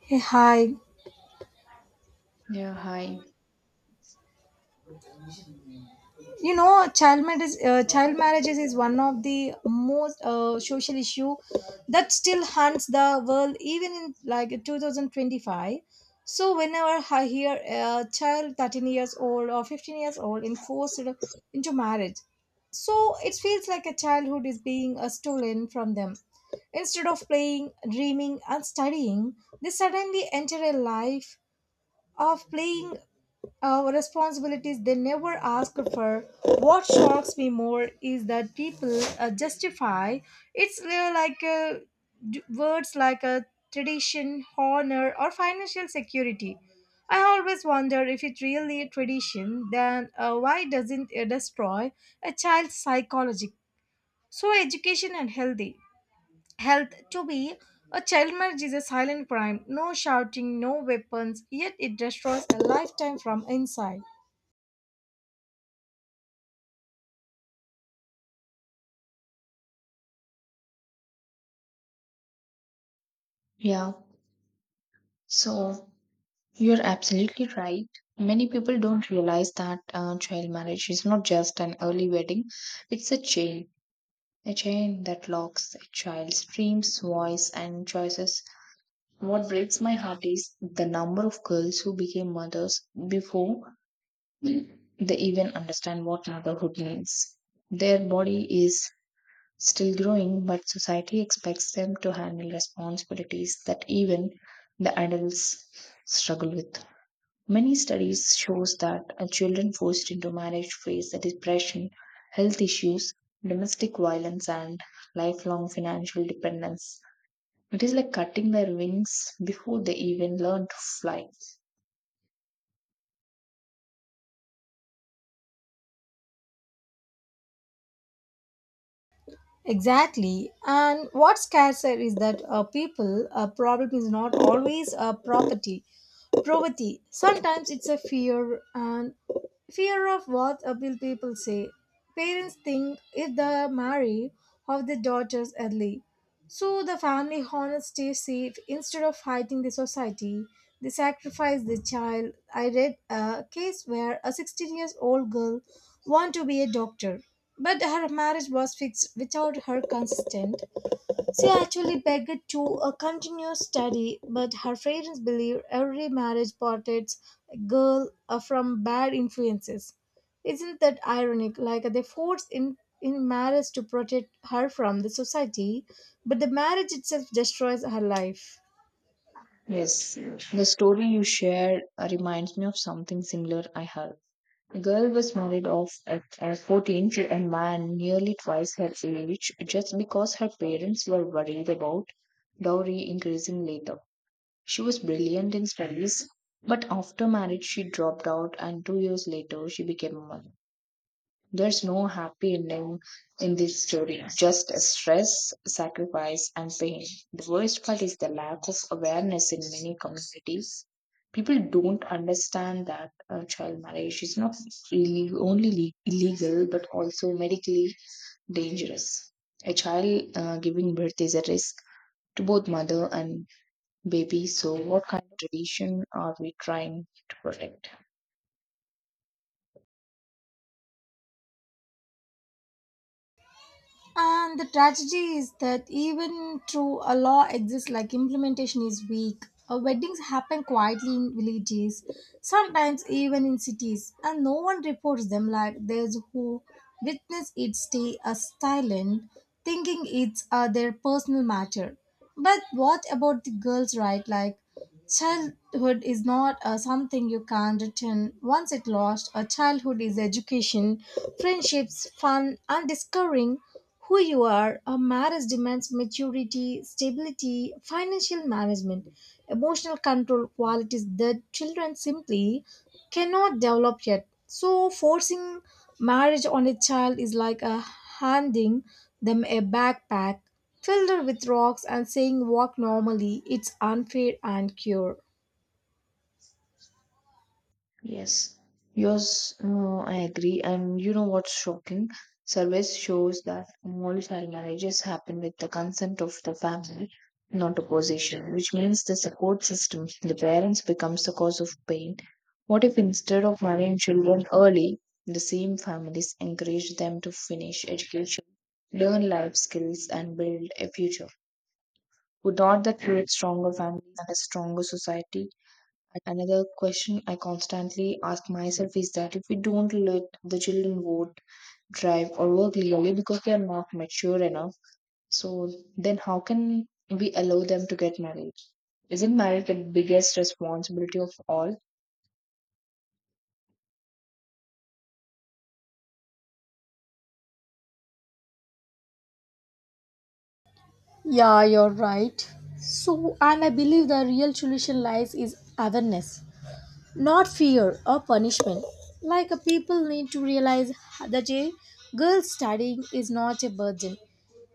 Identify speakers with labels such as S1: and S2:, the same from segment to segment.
S1: Hey, hi.
S2: Yeah, hi.
S1: Child marriage, child marriages is one of the most social issue that still haunts the world even in like 2025. So whenever I hear a child 13 years old or 15 years old enforced into marriage, so it feels like a childhood is being stolen from them. Instead of playing, dreaming, and studying, they suddenly enter a life of playing responsibilities they never ask for. What shocks me more is that people justify it's like words like tradition, honor, or financial security. I always wonder if it's really a tradition, then why doesn't it destroy a child's psychology? So, education and healthy health to be a child marriage is a silent crime. No shouting, no weapons, yet it destroys a lifetime from inside.
S2: Yeah. So you're absolutely right. Many people don't realize that child marriage is not just an early wedding, it's a chain that locks a child's dreams, voice, and choices. What breaks my heart is the number of girls who became mothers before they even understand what motherhood means. Their body is still growing, but society expects them to handle responsibilities that even the adults struggle with. Many studies shows that children forced into marriage face the depression, health issues, domestic violence, and lifelong financial dependence. It is like cutting their wings before they even learn to fly.
S1: Exactly. And what scares her is that people, a problem is not always a property, poverty. Sometimes it's a fear and fear of what will people say? Parents think if they marry off their daughters early. So the family honors stay safe instead of fighting the society. They sacrifice the child. I read a case where a 16 years old girl wanted to be a doctor, but her marriage was fixed without her consent. She actually begged to continue study, but her parents believe every marriage protects a girl from bad influences. Isn't that ironic? Like they force in marriage to protect her from the society, but the marriage itself destroys her life.
S2: Yes, the story you shared reminds me of something similar I heard. The girl was married off at 14 to a man nearly twice her age just because her parents were worried about dowry increasing later. She was brilliant in studies, but after marriage she dropped out and 2 years later she became a mother. There's no happy ending in this story, just stress, sacrifice, and pain. The worst part is the lack of awareness in many communities. People don't understand that child marriage is not really only illegal but also medically dangerous. A child giving birth is a risk to both mother and baby, so what kind of tradition are we trying to protect?
S1: And the tragedy is that even though a law exists, like implementation is weak. Weddings happen quietly in villages, sometimes even in cities, and no one reports them. Like those who witness it stay silent, thinking it's their personal matter. But what about the girls' right? Like childhood is not something you can return. Once it lost, a childhood is education, friendships, fun, and discovering who you are. A marriage demands maturity, stability, financial management, emotional control qualities that children simply cannot develop yet. So, forcing marriage on a child is like handing them a backpack filled with rocks and saying walk normally it's unfair and cure.
S2: Yes, yours, I agree. And you know what's shocking? Surveys shows that only child marriages happen with the consent of the family, not opposition, which means the support system, the parents becomes the cause of pain. What if instead of marrying children early, the same families encourage them to finish education, learn life skills, and build a future? Would not that create stronger families and a stronger society? Another question I constantly ask myself is that if we don't let the children vote, drive, or work legally because they are not mature enough, so then how can we allow them to get married? Isn't marriage the biggest responsibility of all?
S1: Yeah, you're right. So, and I believe the real solution lies is awareness, not fear or punishment. Like a people need to realize that a girl studying is not a burden.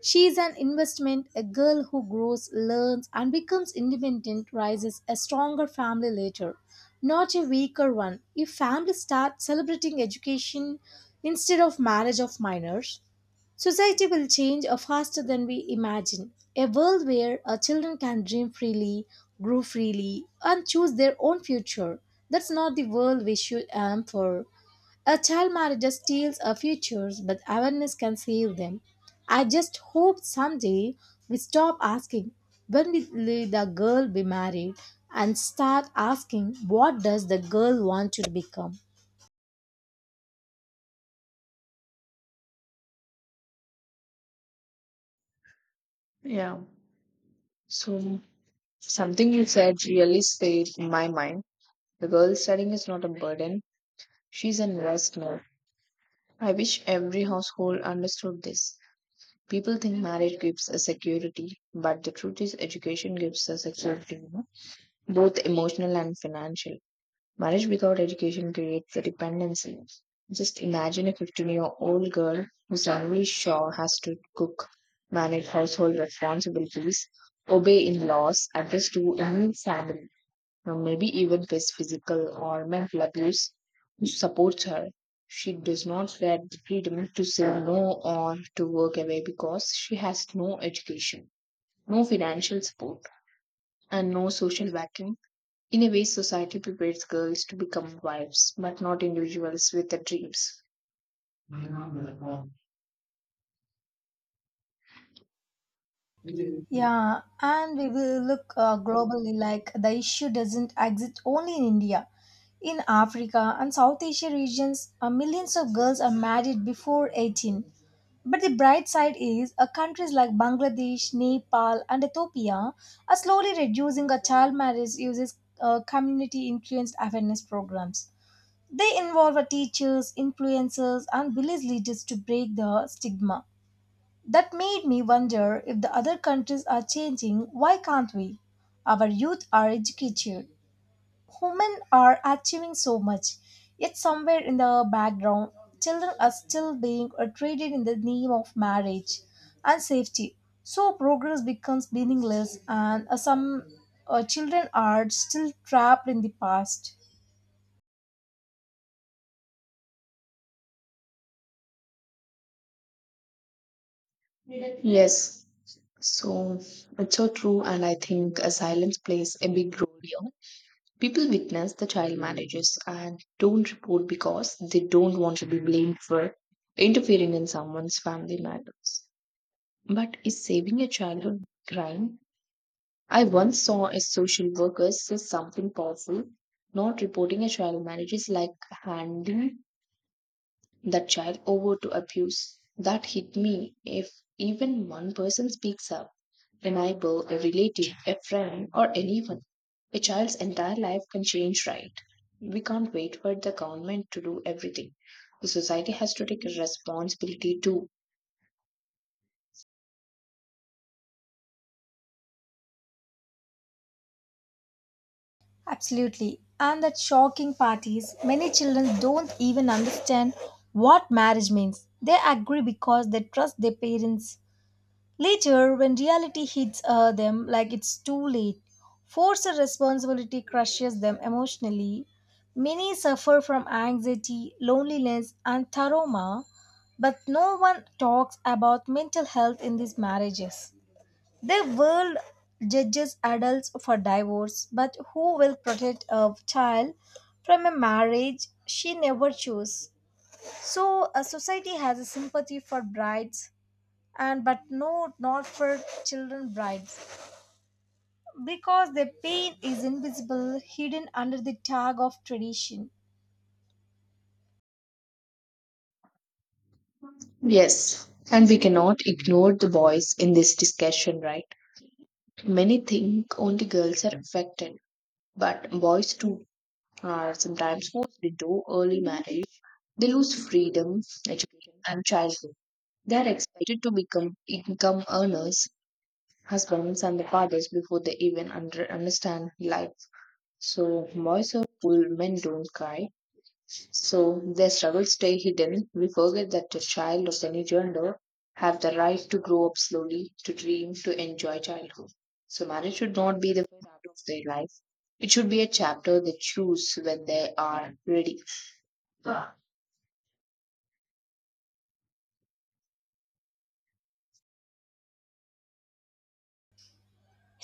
S1: She is an investment, a girl who grows, learns, and becomes independent rises a stronger family later, not a weaker one. If families start celebrating education instead of marriage of minors, society will change faster than we imagine. A world where children can dream freely, grow freely, and choose their own future. That's not the world we should aim for. A child marriage just steals our futures, but awareness can save them. I just hope someday we stop asking when will the girl be married and start asking what does the girl want to become.
S2: Yeah. So something you said really stayed in my mind. The girl studying is not a burden, she's an investment. I wish every household understood this. People think marriage gives a security, but the truth is, education gives a security, you know, both emotional and financial. Marriage without education creates a dependency. Just imagine a 15-year-old girl who suddenly sure has to cook, manage household responsibilities, obey in laws, adjust to a new family, or maybe even face physical or mental abuse, who supports her. She does not get the freedom to say no or to work away because she has no education, no financial support, and no social backing. In a way, society prepares girls to become wives, but not individuals with the dreams.
S1: Yeah, and we will look globally like the issue doesn't exist only in India. In Africa and South Asia regions, millions of girls are married before 18. But the bright side is countries like Bangladesh, Nepal, and Ethiopia are slowly reducing a child marriage uses community influenced awareness programs. They involve teachers, influencers, and village leaders to break the stigma. That made me wonder if the other countries are changing, why can't we? Our youth are educated, women are achieving so much, yet somewhere in the background, children are still being treated in the name of marriage and safety. So progress becomes meaningless, and some children are still trapped in the past.
S2: Yes, so it's so true, and I think silence plays a big role here. People witness the child marriages and don't report because they don't want to be blamed for interfering in someone's family matters. But is saving a childhood crime? I once saw a social worker say something powerful. Not reporting a child marriage is like handing that child over to abuse. That hit me. If even one person speaks up, a neighbor, a relative, a friend, or anyone. A child's entire life can change, right? We can't wait for the government to do everything. The society has to take a responsibility too.
S1: Absolutely. And that shocking part is many children don't even understand what marriage means. They agree because they trust their parents. Later, when reality hits them like it's too late, forced responsibility crushes them emotionally. Many suffer from anxiety, loneliness, and trauma, but no one talks about mental health in these marriages. The world judges adults for divorce, but who will protect a child from a marriage she never chose? So a society has a sympathy for brides and but no not for children brides because their pain is invisible hidden under the tag of tradition.
S2: Yes, and we cannot ignore the boys in this discussion, right? Many think only girls are affected, but boys too are sometimes forced into early marriage. They lose freedom, education, and childhood. They are expected to become income earners husbands and the fathers before they even understand life. So boys are cool, men don't cry. So their struggles stay hidden. We forget that a child of any gender have the right to grow up slowly, to dream, to enjoy childhood. So marriage should not be the first part of their life. It should be a chapter they choose when they are ready.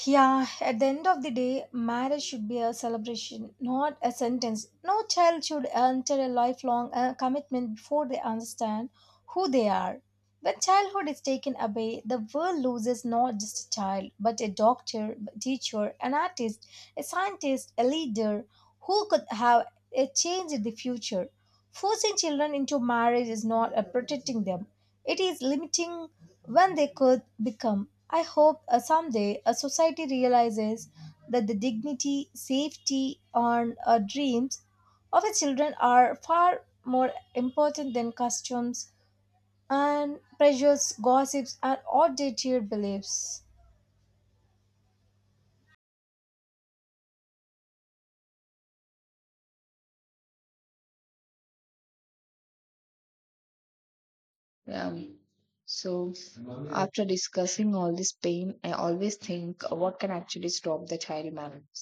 S1: Yeah, at the end of the day, marriage should be a celebration, not a sentence. No child should enter a lifelong commitment before they understand who they are. When childhood is taken away, the world loses not just a child, but a doctor, a teacher, an artist, a scientist, a leader who could have a change in the future. Forcing children into marriage is not protecting them, it is limiting when they could become. I hope someday a society realizes that the dignity, safety, and dreams of its children are far more important than customs and pressures, gossips, and outdated beliefs.
S2: Yeah. So, after discussing all this pain, I always think what can actually stop the child marriage.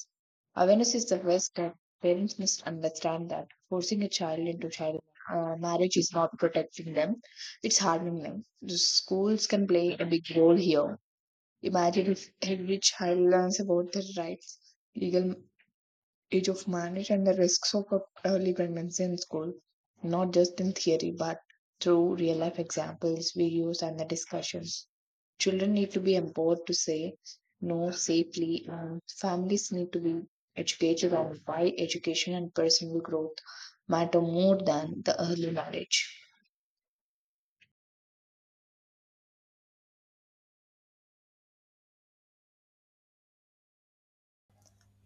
S2: Awareness is the first step. Parents must understand that forcing a child into child marriage is not protecting them, it's harming them. The schools can play a big role here. Imagine if every child learns about their rights, legal age of marriage and the risks of early pregnancy in school, not just in theory but through real life examples videos, and the discussions. Children need to be empowered to say no safely, and families need to be educated on why education and personal growth matter more than the early marriage.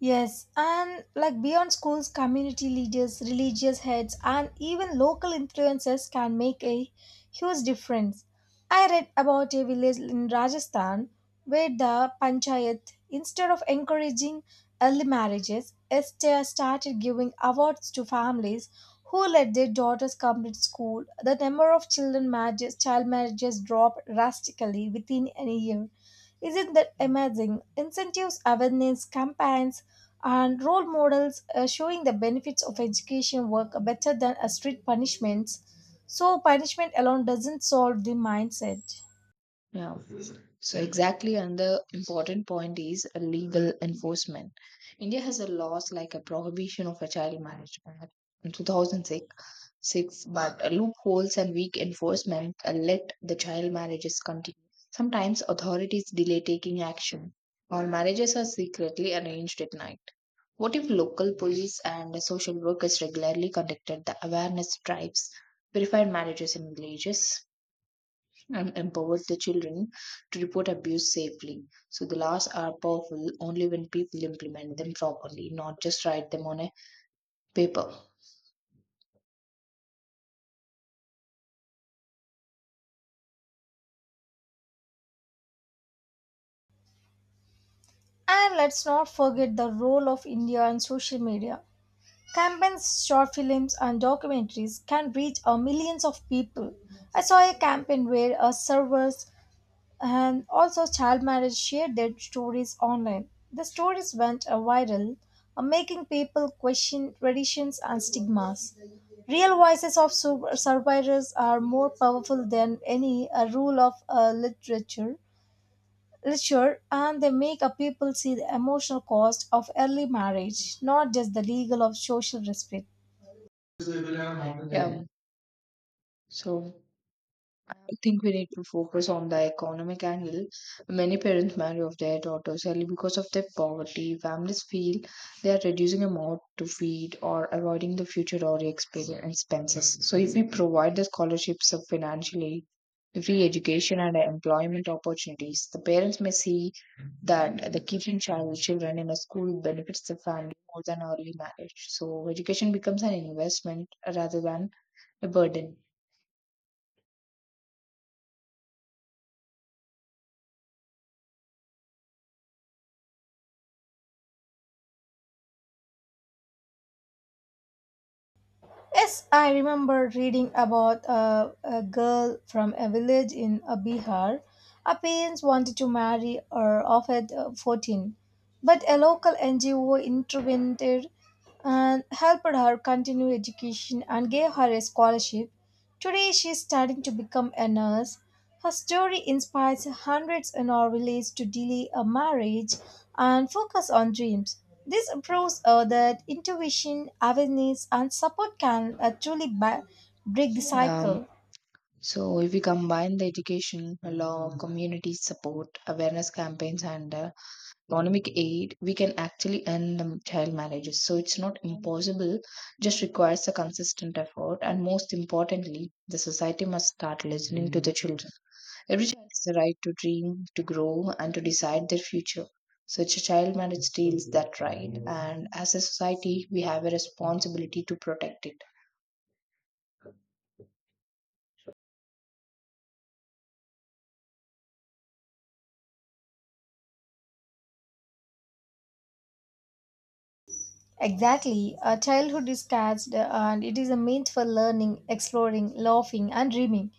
S1: Yes, and like beyond schools, community leaders, religious heads, and even local influencers can make a huge difference. I read about a village in Rajasthan where the panchayat, instead of encouraging early marriages, Esther started giving awards to families who let their daughters complete school. The number of children marriages, child marriages dropped drastically within a year. Isn't that amazing? Incentives, awareness, campaigns, and role models showing the benefits of education work better than a strict punishments, so punishment alone doesn't solve the mindset.
S2: Yeah. So exactly, and the important point is a legal enforcement. India has a laws like a prohibition of a child marriage act in 2006 Six, but loopholes and weak enforcement let the child marriages continue. Sometimes authorities delay taking action, or marriages are secretly arranged at night. What if local police and social workers regularly conducted the awareness drives, verified marriages in villages, and empowered the children to report abuse safely? So the laws are powerful only when people implement them properly, not just write them on a paper.
S1: And let's not forget the role of India and social media campaigns, short films, and documentaries can reach a millions of people. I saw a campaign where a servers and also child marriage shared their stories online. The stories went viral, making people question traditions and stigmas. Real voices of survivors are more powerful than any rule of literature. Literature, and they make a people see the emotional cost of early marriage, not just the legal or social responsibility.
S2: Yeah. So. I think we need to focus on the economic angle. Many parents marry off their daughters early because of their poverty. Families feel they are reducing amount to feed or avoiding the future or expenses. So, if we provide the scholarships of financial aid, free education and employment opportunities, the parents may see that the keeping children in a school benefits the family more than early marriage. So, education becomes an investment rather than a burden.
S1: Yes, I remember reading about a girl from a village in Bihar. Her parents wanted to marry her off at 14, but a local NGO intervened and helped her continue education and gave her a scholarship. Today she is studying to become a nurse. Her story inspires hundreds in our village to delay a marriage and focus on dreams. This proves that intuition, awareness, and support can truly break the
S2: Um,
S1: cycle.
S2: So, if we combine the education, law, community support, awareness campaigns, and economic aid, we can actually end child marriages. So, it's not impossible, just requires a consistent effort. And most importantly, the society must start listening to the children. Every child has the right to dream, to grow, and to decide their future. Such a child marriage steals that right, and as a society, we have a responsibility to protect it.
S1: Exactly. A childhood is catched and it is a meant for learning, exploring, laughing, and dreaming,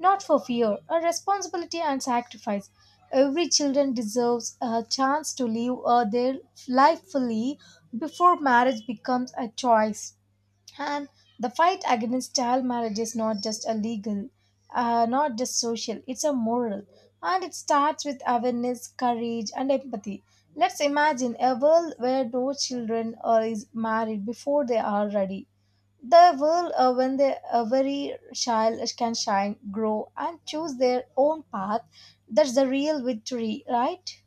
S1: not for fear, a responsibility and sacrifice. Every children deserves a chance to live their life fully before marriage becomes a choice. And the fight against child marriage is not just a legal, not just social, it's a moral. And it starts with awareness, courage, and empathy. Let's imagine a world where no children are is married before they are ready. The world when they, every child can shine, grow, and choose their own path. That's the real victory, right?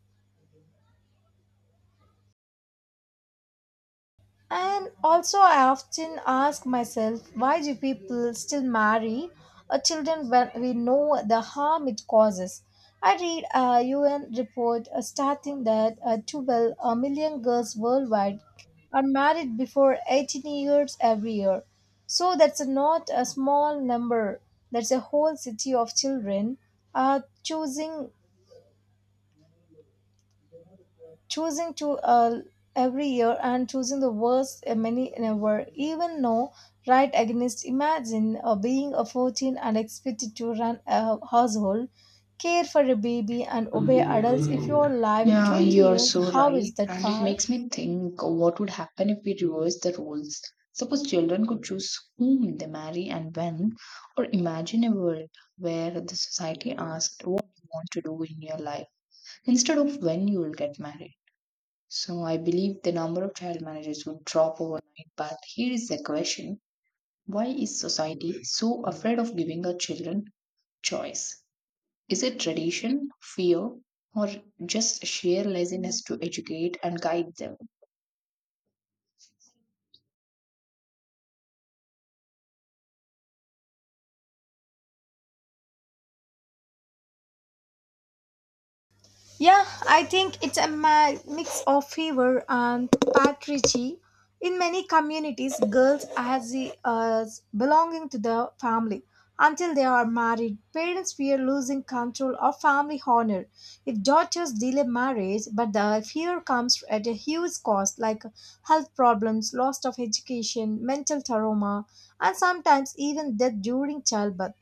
S1: And also, I often ask myself, why do people still marry children when we know the harm it causes? I read a UN report stating that 12 million girls worldwide are married before 18 years every year. So that's not a small number. That's a whole city of children uh, choosing choosing to every year and choosing the worst, many never even know right against imagine being a 14 and expected to run a household care for a baby and obey adults if you're alive at
S2: Yeah,
S1: 20
S2: you're
S1: years
S2: so
S1: how is
S2: right.
S1: that
S2: And it
S1: far.
S2: makes me think what would happen if we reverse the roles. Suppose children could choose whom they marry and when, or imagine a world where the society asked what you want to do in your life instead of when you will get married. So I believe the number of child marriages would drop overnight. But here is the question why is society so afraid of giving our children choice? Is it tradition, fear, or just sheer laziness to educate and guide them?
S1: Yeah, I think it's a mix of fever and patriarchy. In many communities, girls as, as belonging to the family until they are married. Parents fear losing control of family honor if daughters delay marriage, but the fear comes at a huge cost, like health problems, loss of education, mental trauma, and sometimes even death during childbirth.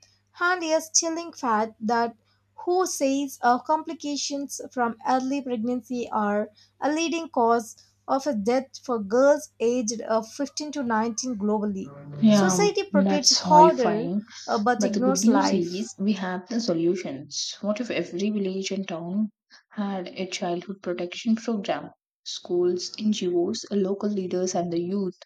S1: And yes, chilling fact that who says complications from early pregnancy are a leading cause of a death for girls aged 15 to 19 globally.
S2: Yeah,
S1: Society protects
S2: that's
S1: harder
S2: horrifying.
S1: but
S2: But the good
S1: ignores
S2: news
S1: life.
S2: is we have the solutions. What if every village and town had a childhood protection program? Schools, NGOs, local leaders, and the youth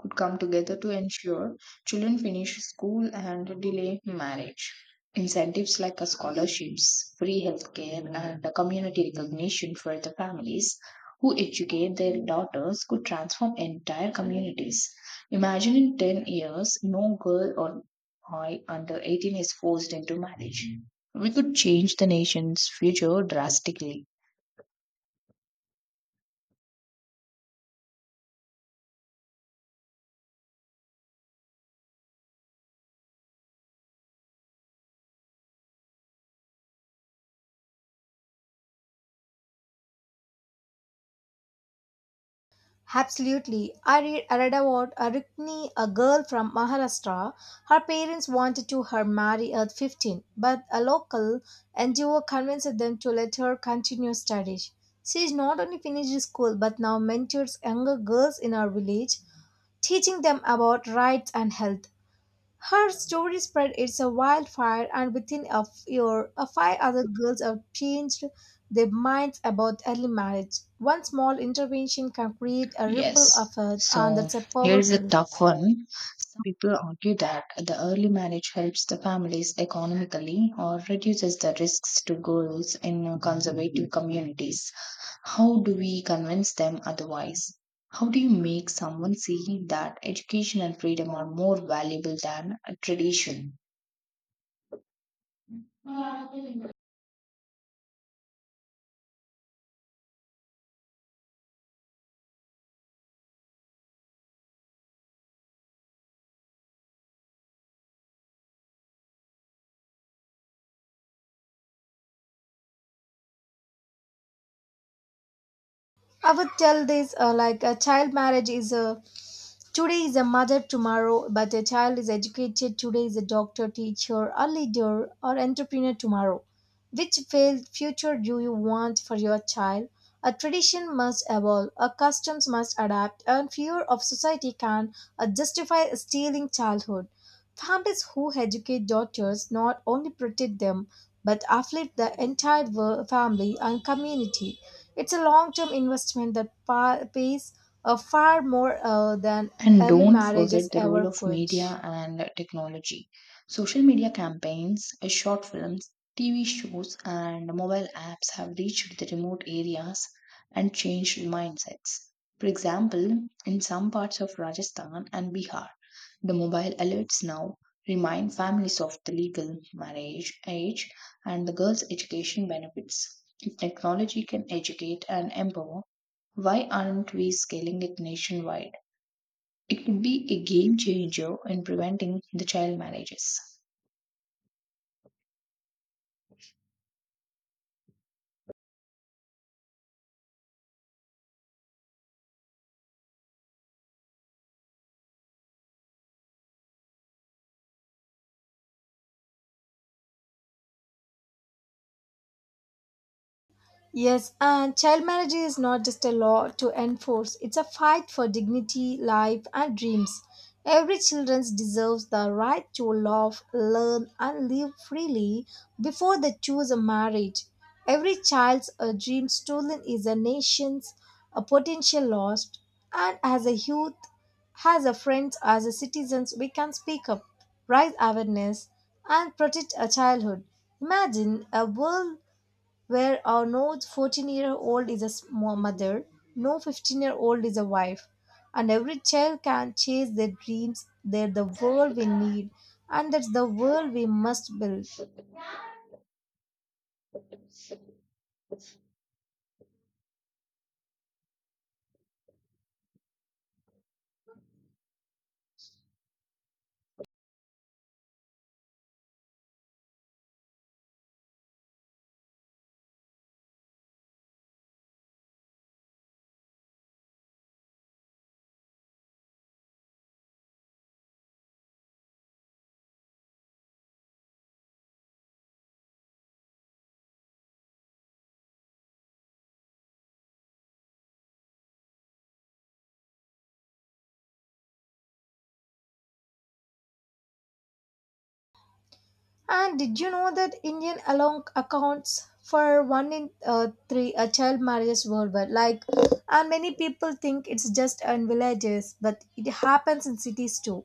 S2: could come together to ensure children finish school and delay marriage. Incentives like scholarships, free healthcare, and community recognition for the families who educate their daughters could transform entire communities. Imagine in 10 years, no girl or boy under 18 is forced into marriage. We could change the nation's future drastically.
S1: Absolutely. I read about Arukni, a girl from Maharashtra. Her parents wanted to her marry at 15, but a local NGO convinced them to let her continue studies. She is not only finished school but now mentors younger girls in our village, teaching them about rights and health. Her story spread it's a wildfire, and within a year, a five other girls have changed their minds about early marriage. One small intervention can create a ripple
S2: Yes.
S1: effect, and
S2: So
S1: that's a
S2: here is a
S1: powerful.
S2: tough one. Some people argue that the early marriage helps the families economically or reduces the risks to girls in conservative communities. How do we convince them otherwise? How do you make someone see that education and freedom are more valuable than a tradition? And
S1: I would tell this like a child marriage is a today is a mother tomorrow, but a child is educated today is a doctor, teacher, a leader, or entrepreneur tomorrow. Which failed future do you want for your child? A tradition must evolve, a customs must adapt, and fear of society can justify stealing childhood. Families who educate daughters not only protect them but uplift the entire family and community. It's a long-term investment that pays far more than early
S2: don't
S1: marriages
S2: forget the
S1: ever
S2: role of
S1: could.
S2: media and technology. Social media campaigns, short films, TV shows, and mobile apps have reached the remote areas and changed mindsets. For example, in some parts of Rajasthan and Bihar, the mobile alerts now remind families of the legal marriage age and the girls' education benefits. Technology can educate and empower. Why aren't we scaling it nationwide? It could be a game changer in preventing the child marriages.
S1: Yes, and child marriage is not just a law to enforce, it's a fight for dignity, life, and dreams. Every child deserves the right to love, learn, and live freely before they choose a marriage. Every child's a dream stolen is a nation's a potential lost, and as a youth, as a friends, as a citizens, we can speak up, raise awareness, and protect a childhood. Imagine a world where no 14-year-old is a mother, no 15-year-old is a wife, and every child can chase their dreams. They're the world we need, and that's the world we must build. And did you know that Indian alone accounts for one in three child marriages worldwide? Like, and many people think it's just in villages, but it happens in cities too.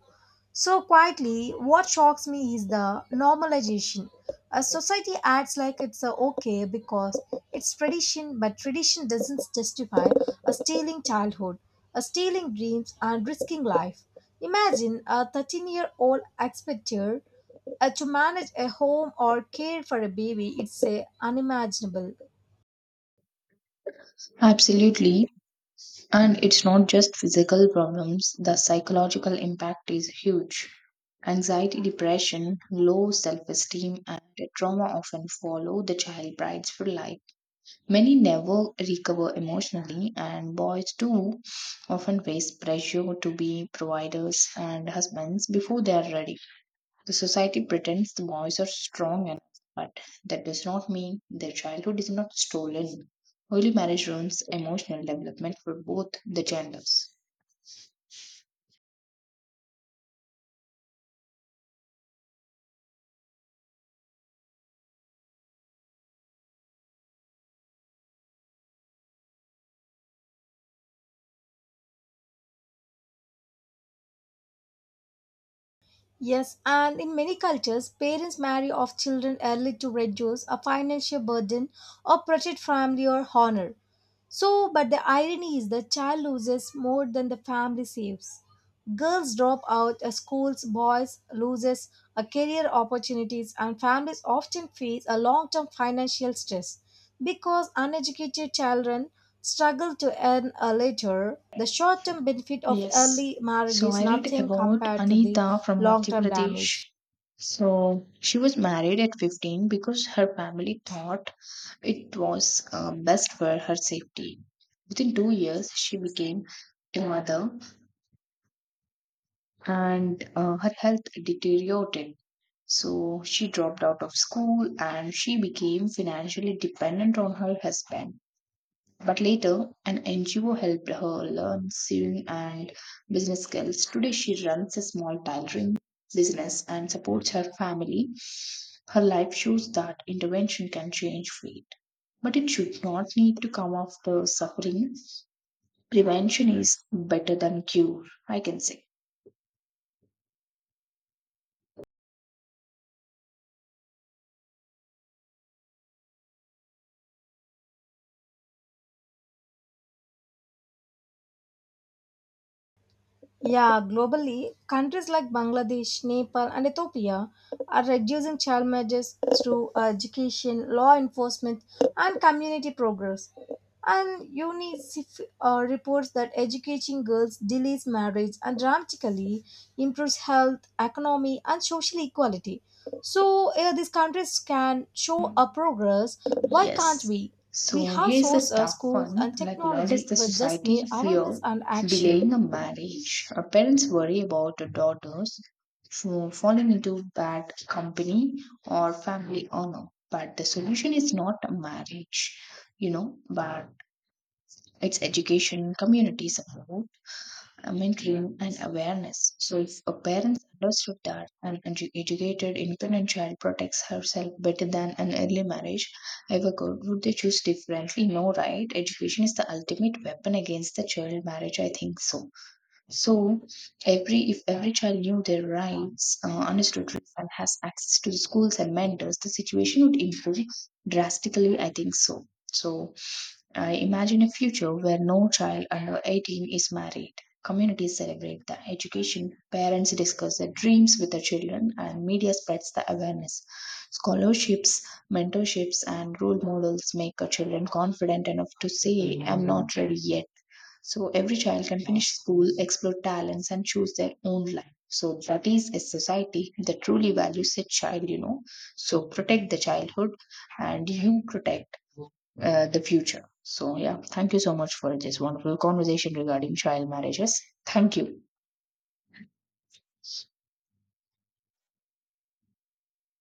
S1: So quietly, what shocks me is the normalization. A society acts like it's okay because it's tradition, but tradition doesn't justify a stealing childhood, a stealing dreams, and risking life. Imagine a 13-year-old expector to manage a home or care for a baby, it's unimaginable.
S2: Absolutely. And it's not just physical problems, the psychological impact is huge. Anxiety, depression, low self esteem, and trauma often follow the child brides for life. Many never recover emotionally, and boys too often face pressure to be providers and husbands before they are ready. The society pretends the boys are strong enough, but that does not mean their childhood is not stolen. Early marriage ruins emotional development for both the genders.
S1: Yes, and in many cultures, parents marry off children early to reduce a financial burden or protect family or honor. So, but the irony is the child loses more than the family saves. Girls drop out of schools, boys loses a career opportunities, and families often face a long-term financial stress because uneducated children struggle to earn a later. The short-term benefit of
S2: Yes.
S1: early marriage
S2: So
S1: is
S2: I read
S1: nothing
S2: about
S1: compared to the
S2: Anita from Madhya
S1: long-term
S2: Pradesh.
S1: damage.
S2: So she was married at 15 because her family thought it was best for her safety. Within 2 years, she became a mother and her health deteriorated. So she dropped out of school and she became financially dependent on her husband. But later, an NGO helped her learn sewing and business skills. Today, she runs a small tailoring business and supports her family. Her life shows that intervention can change fate, but it should not need to come after suffering. Prevention is better than cure, I can say.
S1: Yeah, globally, countries like Bangladesh, Nepal, and Ethiopia are reducing child marriages through education, law enforcement, and community progress. And UNICEF reports that educating girls delays marriage and dramatically improves health, economy, and social equality. So, if these countries can show a progress, why can't
S2: Yes.
S1: we? We
S2: So
S1: have
S2: here's a
S1: sources,
S2: tough
S1: schools,
S2: one.
S1: and
S2: Like, why does
S1: technology,
S2: the
S1: but just
S2: society
S1: need awareness
S2: fear
S1: and action.
S2: delaying a marriage? Our parents worry about their daughters for falling into bad company or family honor. But the solution is not a marriage, you know, but it's education, community support, mentoring, and awareness. So, if a parent understood that an educated, independent child protects herself better than an early marriage ever could, would they choose differently? No, right? Education is the ultimate weapon against the child marriage. I think so. So, every if every child knew their rights, understood rights, and has access to the schools and mentors, the situation would improve drastically. I think so. So, I imagine a future where no child under 18 is married. Communities celebrate the education, parents discuss their dreams with their children, and media spreads the awareness. Scholarships, mentorships, and role models make our children confident enough to say, I'm not ready yet. So every child can finish school, explore talents, and choose their own life. So that is a society that truly values a child, you know. So protect the childhood and you protect the future. So, yeah, thank you so much for this wonderful conversation regarding child marriages. Thank you.